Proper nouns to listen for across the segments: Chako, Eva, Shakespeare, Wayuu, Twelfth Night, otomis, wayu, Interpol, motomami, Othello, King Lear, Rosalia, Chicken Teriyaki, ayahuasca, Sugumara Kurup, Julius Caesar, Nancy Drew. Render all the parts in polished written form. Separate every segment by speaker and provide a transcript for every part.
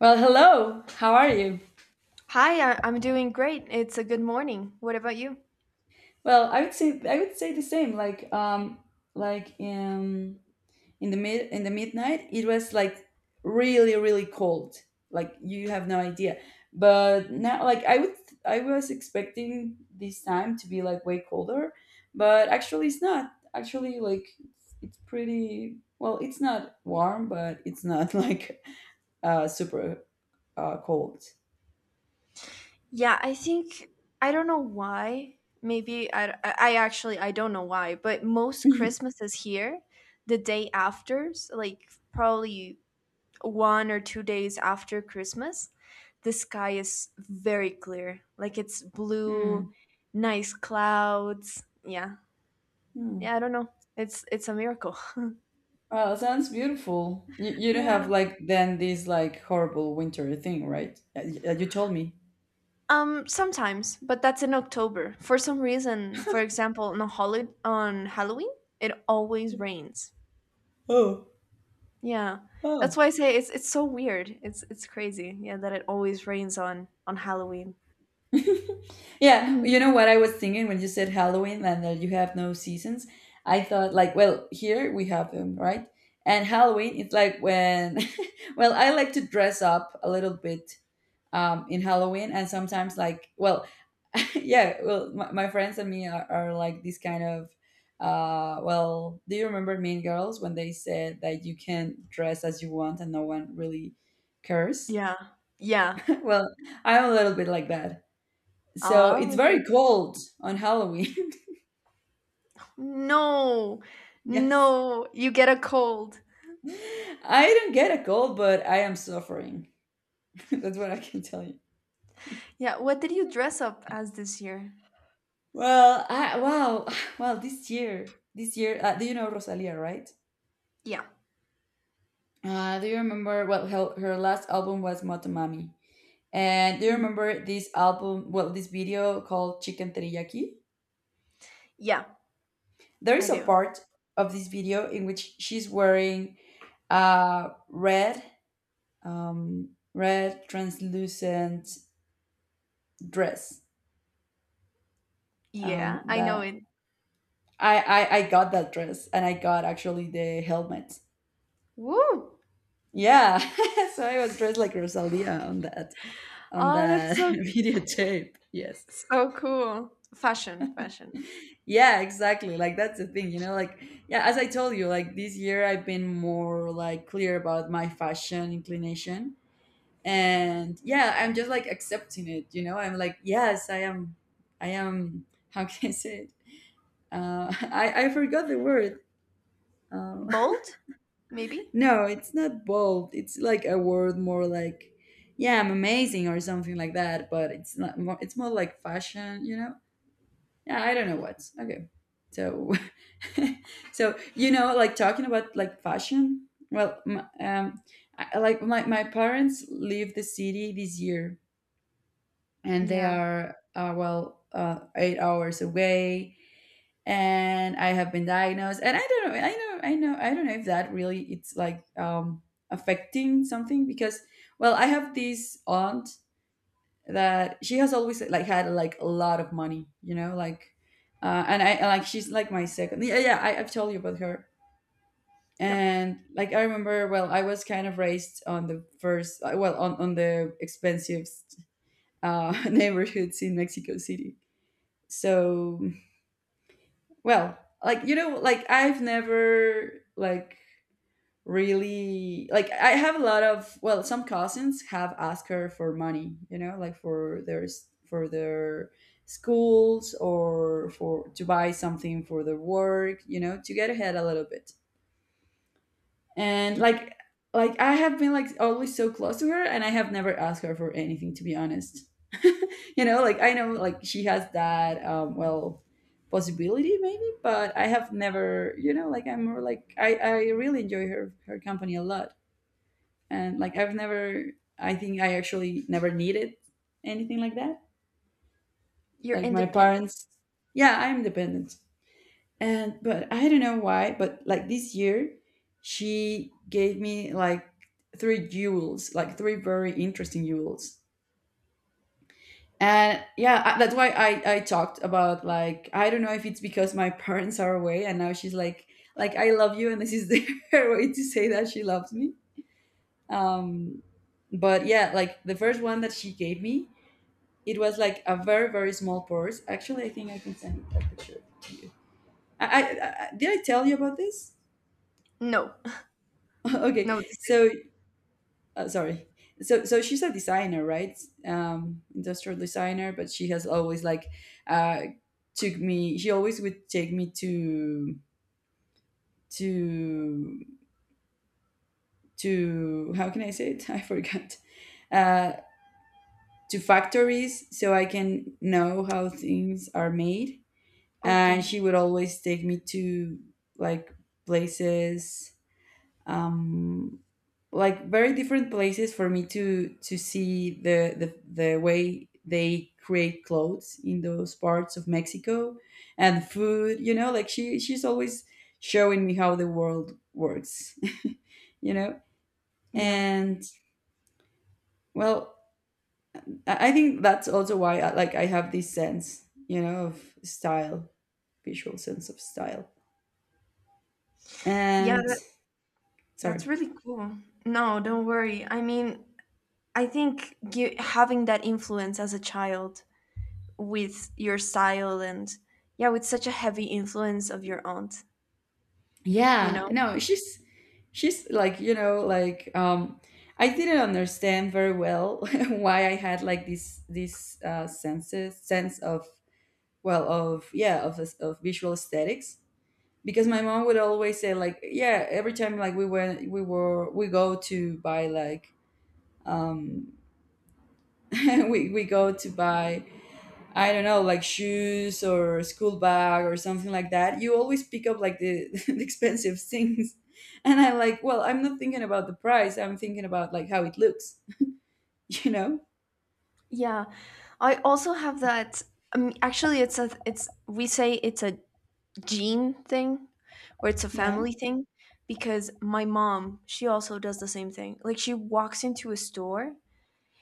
Speaker 1: Well, hello. How are you?
Speaker 2: Hi, I'm doing great. It's a good morning. What about you?
Speaker 1: Well, I would say the same. Like in the midnight, it was like really cold. Like you have no idea. But now, I was expecting this time to be like way colder, but actually it's not. Actually, it's pretty well. It's not warm, but it's not like super cold.
Speaker 2: Yeah, I think I don't know why. Maybe I actually, I don't know why, but most Christmases here, the day afters, like probably 1 or 2 days after Christmas, the sky is very clear. Like it's
Speaker 1: Hmm.
Speaker 2: blue, nice clouds. Yeah.
Speaker 1: Hmm.
Speaker 2: Yeah, I don't know. It's a miracle.
Speaker 1: Wow, sounds beautiful. You don't have
Speaker 2: Yeah.
Speaker 1: like then this like horrible winter thing, right? You told me.
Speaker 2: Sometimes, but that's in October. For some reason, for example, on Halloween, it always rains. Yeah, that's why I say it's so weird. It's crazy. Yeah, that it always rains on Halloween.
Speaker 1: Yeah,
Speaker 2: Mhm.
Speaker 1: you know what I was thinking when you said Halloween and that you have no seasons? I thought like, well, here we have them, right? And Halloween, it's like when, well, I like to dress up a little bit in Halloween and sometimes like, well, yeah well my friends and me are like this kind of well, do you remember Mean Girls when they said that you can dress as you want and no one really cares?
Speaker 2: Yeah, yeah.
Speaker 1: Well, I'm a little bit like that, so it's
Speaker 2: Ah,
Speaker 1: very
Speaker 2: great.
Speaker 1: cold on Halloween.
Speaker 2: No,
Speaker 1: Yes,
Speaker 2: no, you get a cold.
Speaker 1: I don't get a cold, but I am suffering. That's what I can tell you.
Speaker 2: Yeah. What did you dress up as this year?
Speaker 1: Well, I, wow. Well, this year do you know Rosalia, right?
Speaker 2: Yeah.
Speaker 1: Do you remember, well, her last album was Motomami? And do you
Speaker 2: Mm.
Speaker 1: remember this album? Well, this video called Chicken Teriyaki.
Speaker 2: Yeah,
Speaker 1: There
Speaker 2: I
Speaker 1: is a
Speaker 2: do.
Speaker 1: part of this video in which she's wearing a red, red translucent dress.
Speaker 2: Yeah, I know
Speaker 1: That
Speaker 2: it.
Speaker 1: I got that dress, and I got actually the helmet.
Speaker 2: Woo!
Speaker 1: Yeah, so I was dressed like Rosalia on that on
Speaker 2: Oh, that's
Speaker 1: that
Speaker 2: so cute.
Speaker 1: videotape. Yes.
Speaker 2: So cool. Fashion, fashion.
Speaker 1: Yeah, exactly. Like that's the thing, you know, like yeah, as I told you, like this year I've been more like clear about my fashion inclination. And yeah, I'm just like accepting it, you know. I'm like, yes, I am how can I say it? I forgot the word. Uh,
Speaker 2: Bold, maybe?
Speaker 1: no, it's not bold. It's like a word more like yeah, I'm amazing or something like that, but it's not more it's more like fashion, you know. Yeah, I don't know what. Okay. So so you know like talking about like fashion, well, I like my parents leave the city this year, and they
Speaker 2: Yeah.
Speaker 1: are 8 hours away. And I have been diagnosed, and I don't know, I know, I don't know if that really it's like affecting something because, well, I have this aunt that she has always like had like a lot of money, you know, like and I, like she's like my second, yeah, yeah, I've told you about her.
Speaker 2: Yeah.
Speaker 1: And like I remember, well, I was kind of raised on the first well on the expensive neighborhoods in Mexico City. So, well, like you know, like I've never like really like I have a lot of, well, some cousins have asked her for money, you know, like for for their schools or for to buy something for their work, you know, to get ahead a little bit. And
Speaker 2: You,
Speaker 1: like I have been like always so close to her, and I have never asked her for anything, to be honest. You know, like I know like she has that, um, well, possibility maybe, but I have never, you know, like I'm more like I really enjoy her company a lot. And like I've never, I think I actually never needed anything like that,
Speaker 2: you're
Speaker 1: like my
Speaker 2: independent.
Speaker 1: parents. Yeah, I'm dependent. And but I don't know why, but like this year, she gave me like three jewels, like three very interesting jewels. And yeah, I- that's why I talked about like I don't know if it's because my parents are away and now she's like I love you and this is the her way to say that she loves me. Um, but yeah, like the first one that she gave me, it was like a very small purse. Actually, I think I can send that picture to you. I, did I tell you about this?
Speaker 2: No.
Speaker 1: Okay,
Speaker 2: No, this is
Speaker 1: so sorry. So she's a designer, right? Industrial designer, but she has always like uh took me. She always would take me to to how can I say it? I forgot. Uh, to factories so I can know how things are made, and
Speaker 2: okay.
Speaker 1: she would always take me to like places, um, like very different places for me to see the way they create clothes in those parts of Mexico, and food. You know, like she's always showing me how the world works. You know,
Speaker 2: Yeah.
Speaker 1: and well, I think that's also why I, like I have this sense, you know, of style, visual sense of style.
Speaker 2: Yeah,
Speaker 1: And
Speaker 2: that's
Speaker 1: sorry,
Speaker 2: really cool. No, don't worry. I mean, I think you having that influence as a child with your style and yeah, with such a heavy influence of your aunt, you
Speaker 1: yeah,
Speaker 2: know?
Speaker 1: no, she's like, you know, like um, I didn't understand very well why I had like this sense of, well, of yeah, of visual aesthetics, because my mom would always say like yeah every time like we went we were we go to buy like um, we go to buy I don't know, like shoes or school bag or something like that, you always pick up like the expensive things. And I like, well, I'm not thinking about the price. I'm thinking about like how it looks, you know?
Speaker 2: Yeah. I also have that, actually it's a it's we say it's a gene thing, where it's a
Speaker 1: Yeah.
Speaker 2: family thing, because my mom, she also does the same thing. Like she walks into a store,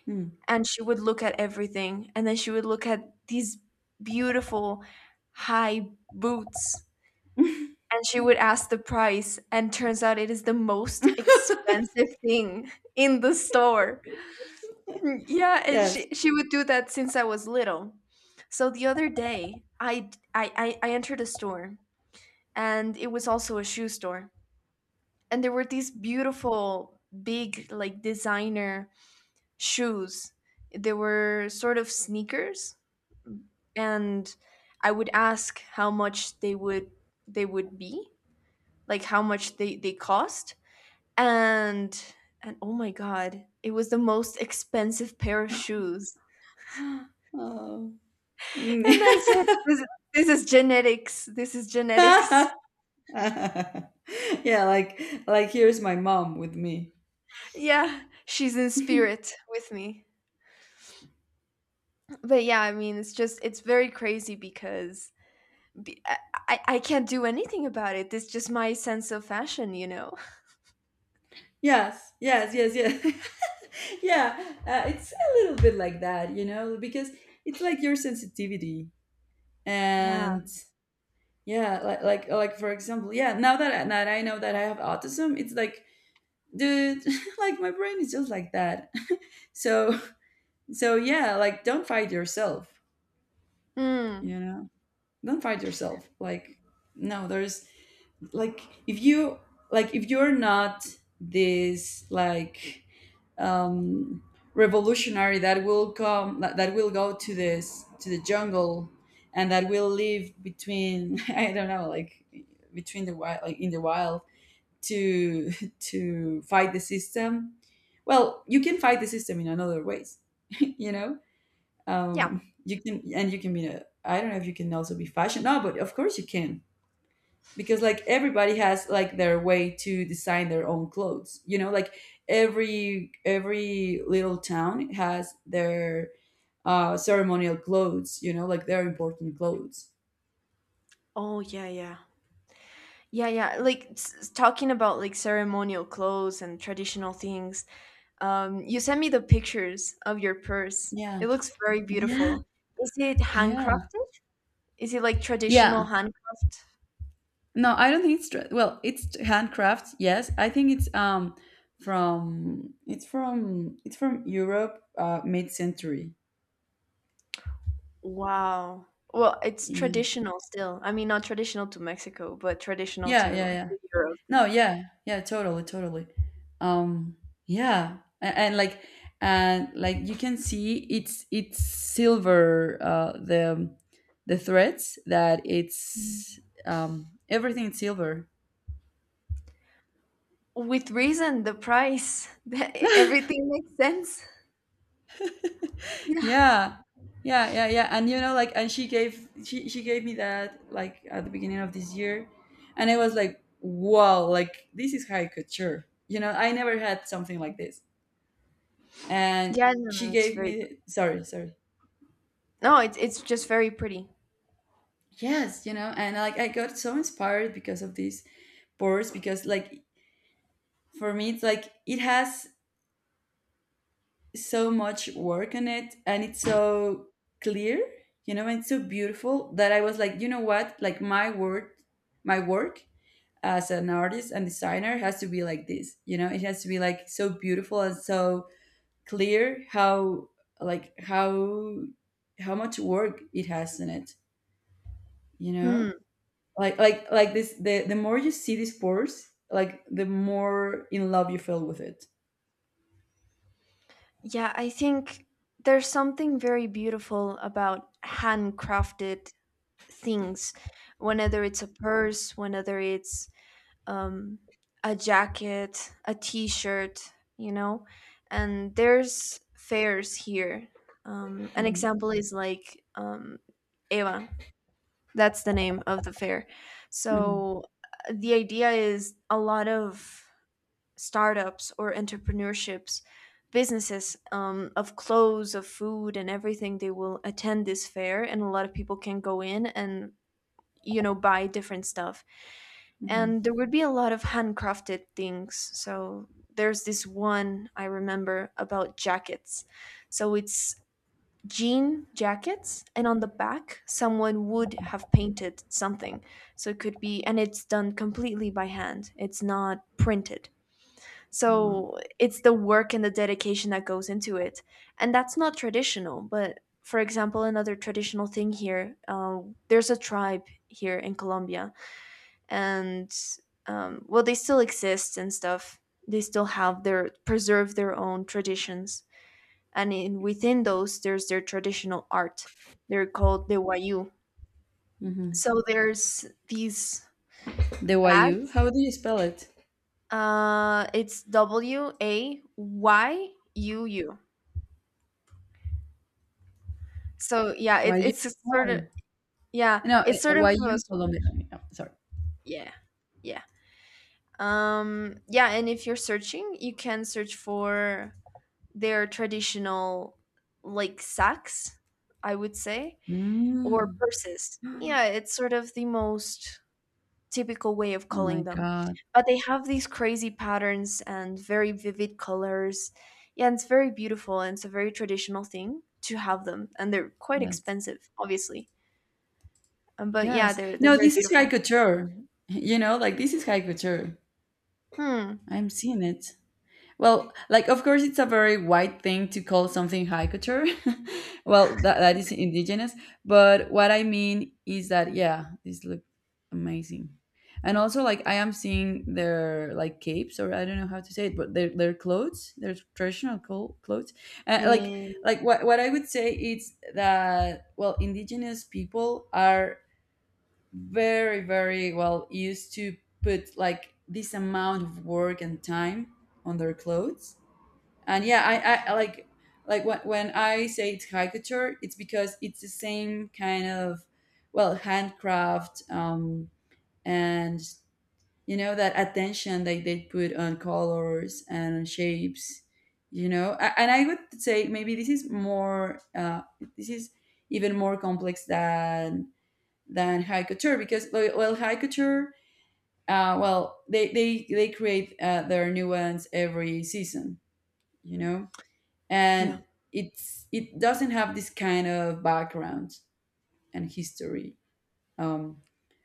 Speaker 1: Mm.
Speaker 2: and she would look at everything, and then she would look at these beautiful high boots, and she would ask the price, and turns out it is the most expensive thing in the store. Mm, yeah, and
Speaker 1: Yes.
Speaker 2: she would do that since I was little. So the other day I entered a store, and it was also a shoe store, and there were these beautiful big like designer shoes. They were sort of sneakers, and I would ask how much they would be, like how much they cost. And and oh my God, it was the most expensive pair of shoes.
Speaker 1: Oh. Mm.
Speaker 2: And I said, this is genetics. This is genetics.
Speaker 1: Yeah, like here's my mom with me.
Speaker 2: Yeah, she's in spirit with me. But yeah, I mean, it's just, it's very crazy, because be- I, I can't do anything about it. It's just my sense of fashion, you know?
Speaker 1: Yes, yes, yes, yes. Yeah, it's a little bit like that, you know, because it's like your sensitivity
Speaker 2: Yeah.
Speaker 1: and yeah, like for example, yeah. Now that I know that I have autism, it's like, dude, like my brain is just like that. So so yeah, like don't fight yourself.
Speaker 2: Mm.
Speaker 1: You know, don't fight yourself. Like no, there's like if you like if you're not this like um revolutionary that will come that will go to this to the jungle and that will live between I don't know like between the wild like in the wild to to fight the system, well you can fight the system in another ways. You know,
Speaker 2: Yeah.
Speaker 1: um, you can, and you can be a, I don't know if you can also be fashion, no, but of course you can, because like everybody has like their way to design their own clothes, you know, like every little town has their ceremonial clothes, you know, like their important clothes.
Speaker 2: Oh, yeah, yeah. Yeah, yeah. Like, talking about like ceremonial clothes and traditional things. You sent me the pictures of your purse.
Speaker 1: Yeah,
Speaker 2: It looks very
Speaker 1: yeah,
Speaker 2: beautiful. Is it
Speaker 1: yeah,
Speaker 2: handcrafted? Is it like
Speaker 1: yeah.
Speaker 2: traditional handcraft?
Speaker 1: No, I don't think it's dre- well, it's handcraft. Yes, I think it's from it's from Europe, mid century.
Speaker 2: Wow. Well, it's
Speaker 1: Yeah,
Speaker 2: traditional still. I mean, not traditional to Mexico, but traditional
Speaker 1: yeah, yeah,
Speaker 2: to,
Speaker 1: yeah.
Speaker 2: to Europe.
Speaker 1: No, yeah, yeah, totally, totally. Um, yeah, and like you can see it's silver. The threads that it's um, everything is silver.
Speaker 2: With reason, the price, everything makes sense. Yeah.
Speaker 1: Yeah, yeah, yeah, yeah, and you know like and she gave me that like at the beginning of this year, and I was like wow like this is high couture, you know, I never had something like this. And
Speaker 2: Yeah, no,
Speaker 1: she
Speaker 2: no, it's
Speaker 1: gave
Speaker 2: very.
Speaker 1: me, sorry, sorry,
Speaker 2: No, it's just very pretty.
Speaker 1: yes, you know, and like I got so inspired because of these pores, because like for me it's like it has so much work on it, and it's so clear, you know, and it's so beautiful that I was like you know what, like my work as an artist and designer has to be like this, you know, it has to be like so beautiful and so clear, how like how much work it has in it, you know.
Speaker 2: Hmm.
Speaker 1: Like like this, the more you see this force, like the more in love you feel with it.
Speaker 2: Yeah, I think there's something very beautiful about handcrafted things, whenever it's a purse, whenever it's, um, a jacket, a t-shirt, you know. And there's fairs here. An
Speaker 1: Hmm.
Speaker 2: example is like, Eva. That's the name of the fair.
Speaker 1: Hmm.
Speaker 2: So the idea is, a lot of startups or entrepreneurships, businesses, of clothes, of food, and everything. They will attend this fair, and a lot of people can go in and buy different stuff.
Speaker 1: Hmm.
Speaker 2: And there would be a lot of handcrafted things. So there's this one I remember about jackets. So it's jean jackets, and on the back someone would have painted something, so it could be, and it's done completely by hand, it's not printed.
Speaker 1: Wow.
Speaker 2: So it's the work and the dedication that goes into it. And that's not traditional, but for example, another traditional thing here, there's a tribe here in Colombia, and well, they still exist and stuff. They still have their preserve their own traditions, and within those there's their traditional art. They're called the Wayu.
Speaker 1: Mhm.
Speaker 2: So there's these
Speaker 1: The Wayuu?
Speaker 2: bags,
Speaker 1: How do you spell it?
Speaker 2: it's W A Y U U. So yeah, it,
Speaker 1: Wayuu.
Speaker 2: it's a sort
Speaker 1: Oh.
Speaker 2: of, yeah
Speaker 1: No,
Speaker 2: it's
Speaker 1: eh,
Speaker 2: sort of
Speaker 1: Wayuu
Speaker 2: a,
Speaker 1: Colombia. Oh, yeah, sorry.
Speaker 2: yeah, yeah, yeah, and if you're searching, you can search for their traditional, like, sacks, I would say, or
Speaker 1: Mm.
Speaker 2: purses. Yeah, it's sort of the most typical way of
Speaker 1: Oh my
Speaker 2: calling them.
Speaker 1: God.
Speaker 2: But they have these crazy patterns and very vivid colors. Yeah, and it's very beautiful, and it's a very traditional thing to have them. And they're quite
Speaker 1: Yes.
Speaker 2: expensive, obviously. But yeah,
Speaker 1: Yes.
Speaker 2: they're
Speaker 1: No,
Speaker 2: very
Speaker 1: this is high
Speaker 2: beautiful.
Speaker 1: couture. You know, like this is high couture.
Speaker 2: Hmm.
Speaker 1: I'm seeing it. Well, like of course it's a very wide thing to call something high couture. Well, that is indigenous, but what I mean is that yeah, this look amazing. And also like I am seeing their like capes or I don't know how to say it, but their clothes, their traditional clothes. Uh, like
Speaker 2: And
Speaker 1: what I would say is that, well, indigenous people are very, very well used to put like this amount of work and time on their clothes. And yeah, I like when I say it's high couture, it's because it's the same kind of, well, handcraft, and you know, that attention that they put on colors and on shapes, you know. And I would say maybe this is more this is even more complex than high couture, because like, well, high couture, well they create their new ones every season, you know
Speaker 2: yeah.
Speaker 1: and it doesn't have this kind of background and history, um,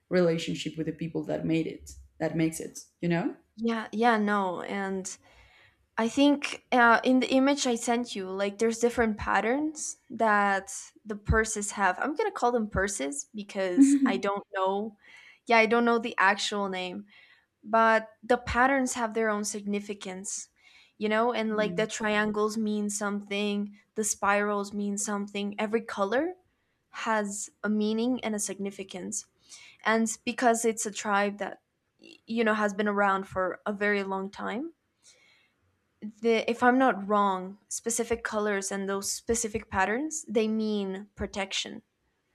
Speaker 1: relationship with the people that made it, that makes it.
Speaker 2: Yeah, yeah, no. And I think, in the image I sent you, like there's different patterns that the purses have. I'm gonna call them purses because
Speaker 1: Yeah.
Speaker 2: I don't know. Yeah, I don't know the actual name, but the patterns have their own significance, you know. And like the triangles mean something, the spirals mean something. Every color has a meaning and a significance, and because it's a tribe that you know has been around for a very long time, the, if I'm not wrong, specific colors and those specific patterns, they mean protection.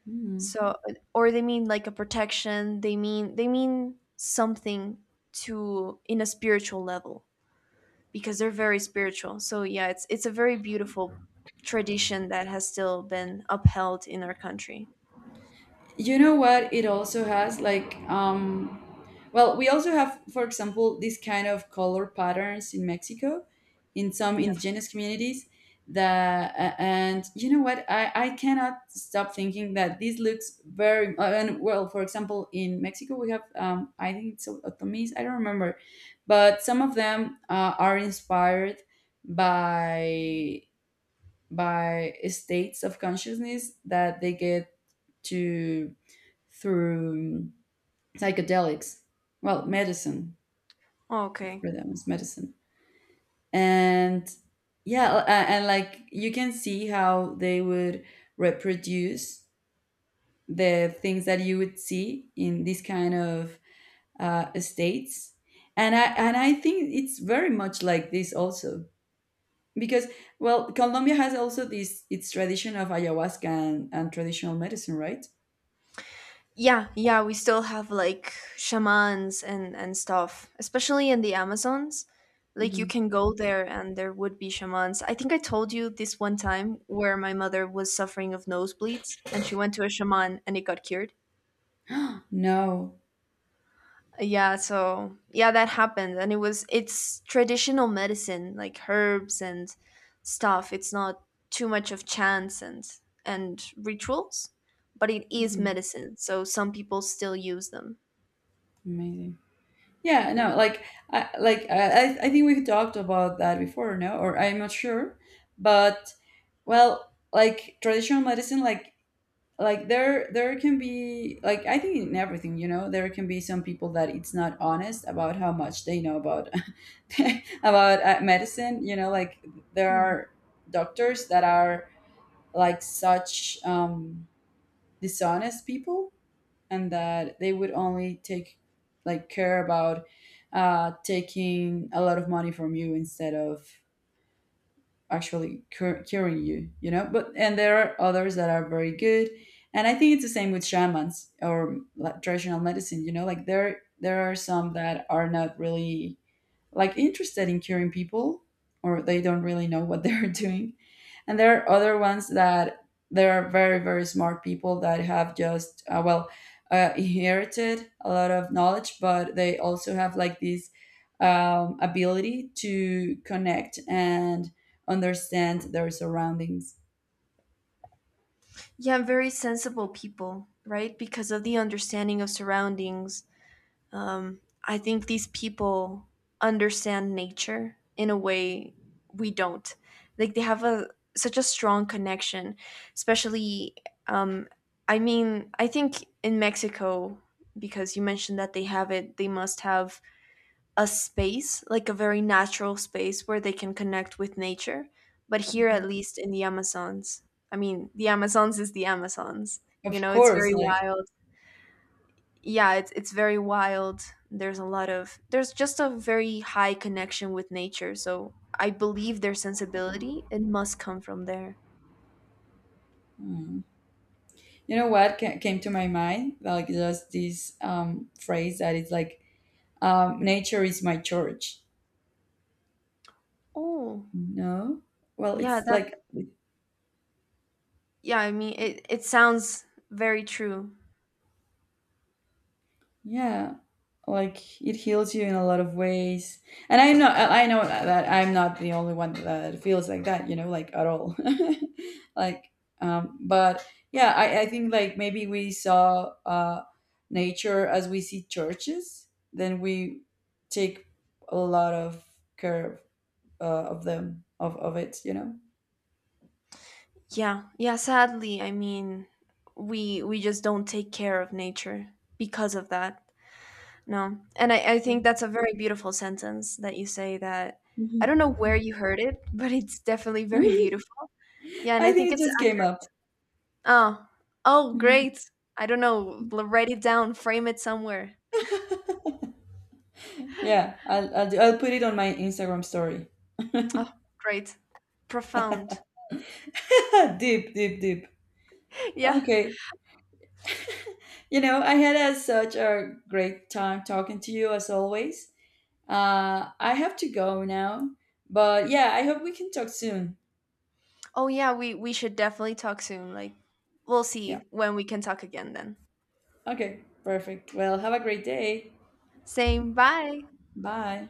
Speaker 1: Mhm.
Speaker 2: So, or they mean like a protection. They mean something to, in a spiritual level, because they're very spiritual. So yeah, it's a very beautiful tradition that has still been upheld in our country.
Speaker 1: You know what, it also has like, well, we also have, for example, this kind of color patterns in Mexico, in some
Speaker 2: Yeah.
Speaker 1: indigenous communities, that and you know what, I cannot stop thinking that this looks very and well, for example, in Mexico we have, I think it's Otomis, I don't remember, but some of them are inspired by states of consciousness that they get to through psychedelics. Well, medicine,
Speaker 2: Okay.
Speaker 1: for them, is medicine. And yeah, and like, you can see how they would reproduce the things that you would see in these kind of states, and I think it's very much like this also. Because, well, Colombia has also this, its tradition of ayahuasca and, traditional medicine, right?
Speaker 2: Yeah, yeah, we still have like shamans and stuff, especially in the Amazons. Like you
Speaker 1: Hmm.
Speaker 2: can go there and there would be shamans. I think I told you this one time where my mother was suffering of nosebleeds, and she went to a shaman and it got cured.
Speaker 1: No.
Speaker 2: Yeah, so yeah, that happened, and it's traditional medicine, like herbs and stuff. It's not too much of chance and rituals, but it is
Speaker 1: Mhm.
Speaker 2: medicine. So some people still use them.
Speaker 1: Amazing. Yeah,
Speaker 2: Yeah.
Speaker 1: no, like I like, I I think we've talked about that before, no, or I'm not sure. But well, like traditional medicine, like there, there can be, like I think in everything, you know, there can be some people that it's not honest about how much they know about, about medicine, you know. Like, there are
Speaker 2: Hmm.
Speaker 1: doctors that are like such, dishonest people, and that they would only take, like, care about taking a lot of money from you, instead of actually curing you, you know. But, and there are others that are very good. And I think it's the same with shamans, or like traditional medicine, you know. Like, there are some that are not really like interested in curing people, or they don't really know what they're doing. And there are other ones that, there are very, very smart people that have just, well, inherited a lot of knowledge, but they also have like this, ability to connect and understand their surroundings.
Speaker 2: Yeah, I'm very sensible people, right? Because of the understanding of surroundings. I think these people understand nature in a way we don't. Like they have a such a strong connection, especially. Um, I mean, I think in Mexico, because you mentioned that they have it, they must have a space, like a very natural space where they can connect with nature. But here, at
Speaker 1: Mhm.
Speaker 2: least in the Amazons, I mean, the Amazons is the Amazons. You
Speaker 1: Of
Speaker 2: know, it's
Speaker 1: course,
Speaker 2: very
Speaker 1: like,
Speaker 2: wild. Yeah, it's very wild. There's just a very high connection with nature. So I believe their sensibility it must come from there.
Speaker 1: mm. You know what came to my mind, like, just this, phrase that is like, nature is my church.
Speaker 2: Oh,
Speaker 1: No, well,
Speaker 2: yeah,
Speaker 1: it's
Speaker 2: that
Speaker 1: like,
Speaker 2: yeah. I mean, it sounds very true.
Speaker 1: yeah, like it heals you in a lot of ways. And I know that I'm not the only one that feels like that. You know, like, at all. Like, but yeah, I think, like, maybe we saw nature as we see churches, then we take a lot of care of them, of it, you know.
Speaker 2: Yeah, yeah, sadly, I mean, we just don't take care of nature because of that. No. And I think that's a very beautiful sentence that you say that I don't
Speaker 1: Mhm.
Speaker 2: know where you heard it, but it's definitely very beautiful. Yeah, and I
Speaker 1: I
Speaker 2: think
Speaker 1: think it
Speaker 2: it's
Speaker 1: just came up.
Speaker 2: accurate. Oh. Oh, great. I don't know. Write it down, frame it somewhere.
Speaker 1: Yeah, do, I'll put it on my Instagram story.
Speaker 2: Oh, great. Profound.
Speaker 1: Deep, deep, deep.
Speaker 2: Yeah.
Speaker 1: Okay, you know, I had a, such a great time talking to you, as always. I have to go now, but yeah, I hope we can talk soon.
Speaker 2: Oh yeah, we should definitely talk soon. Like we'll
Speaker 1: Yeah.
Speaker 2: see when we can talk again then.
Speaker 1: Okay. Perfect. Well, have a great day.
Speaker 2: Same. Bye.
Speaker 1: Bye.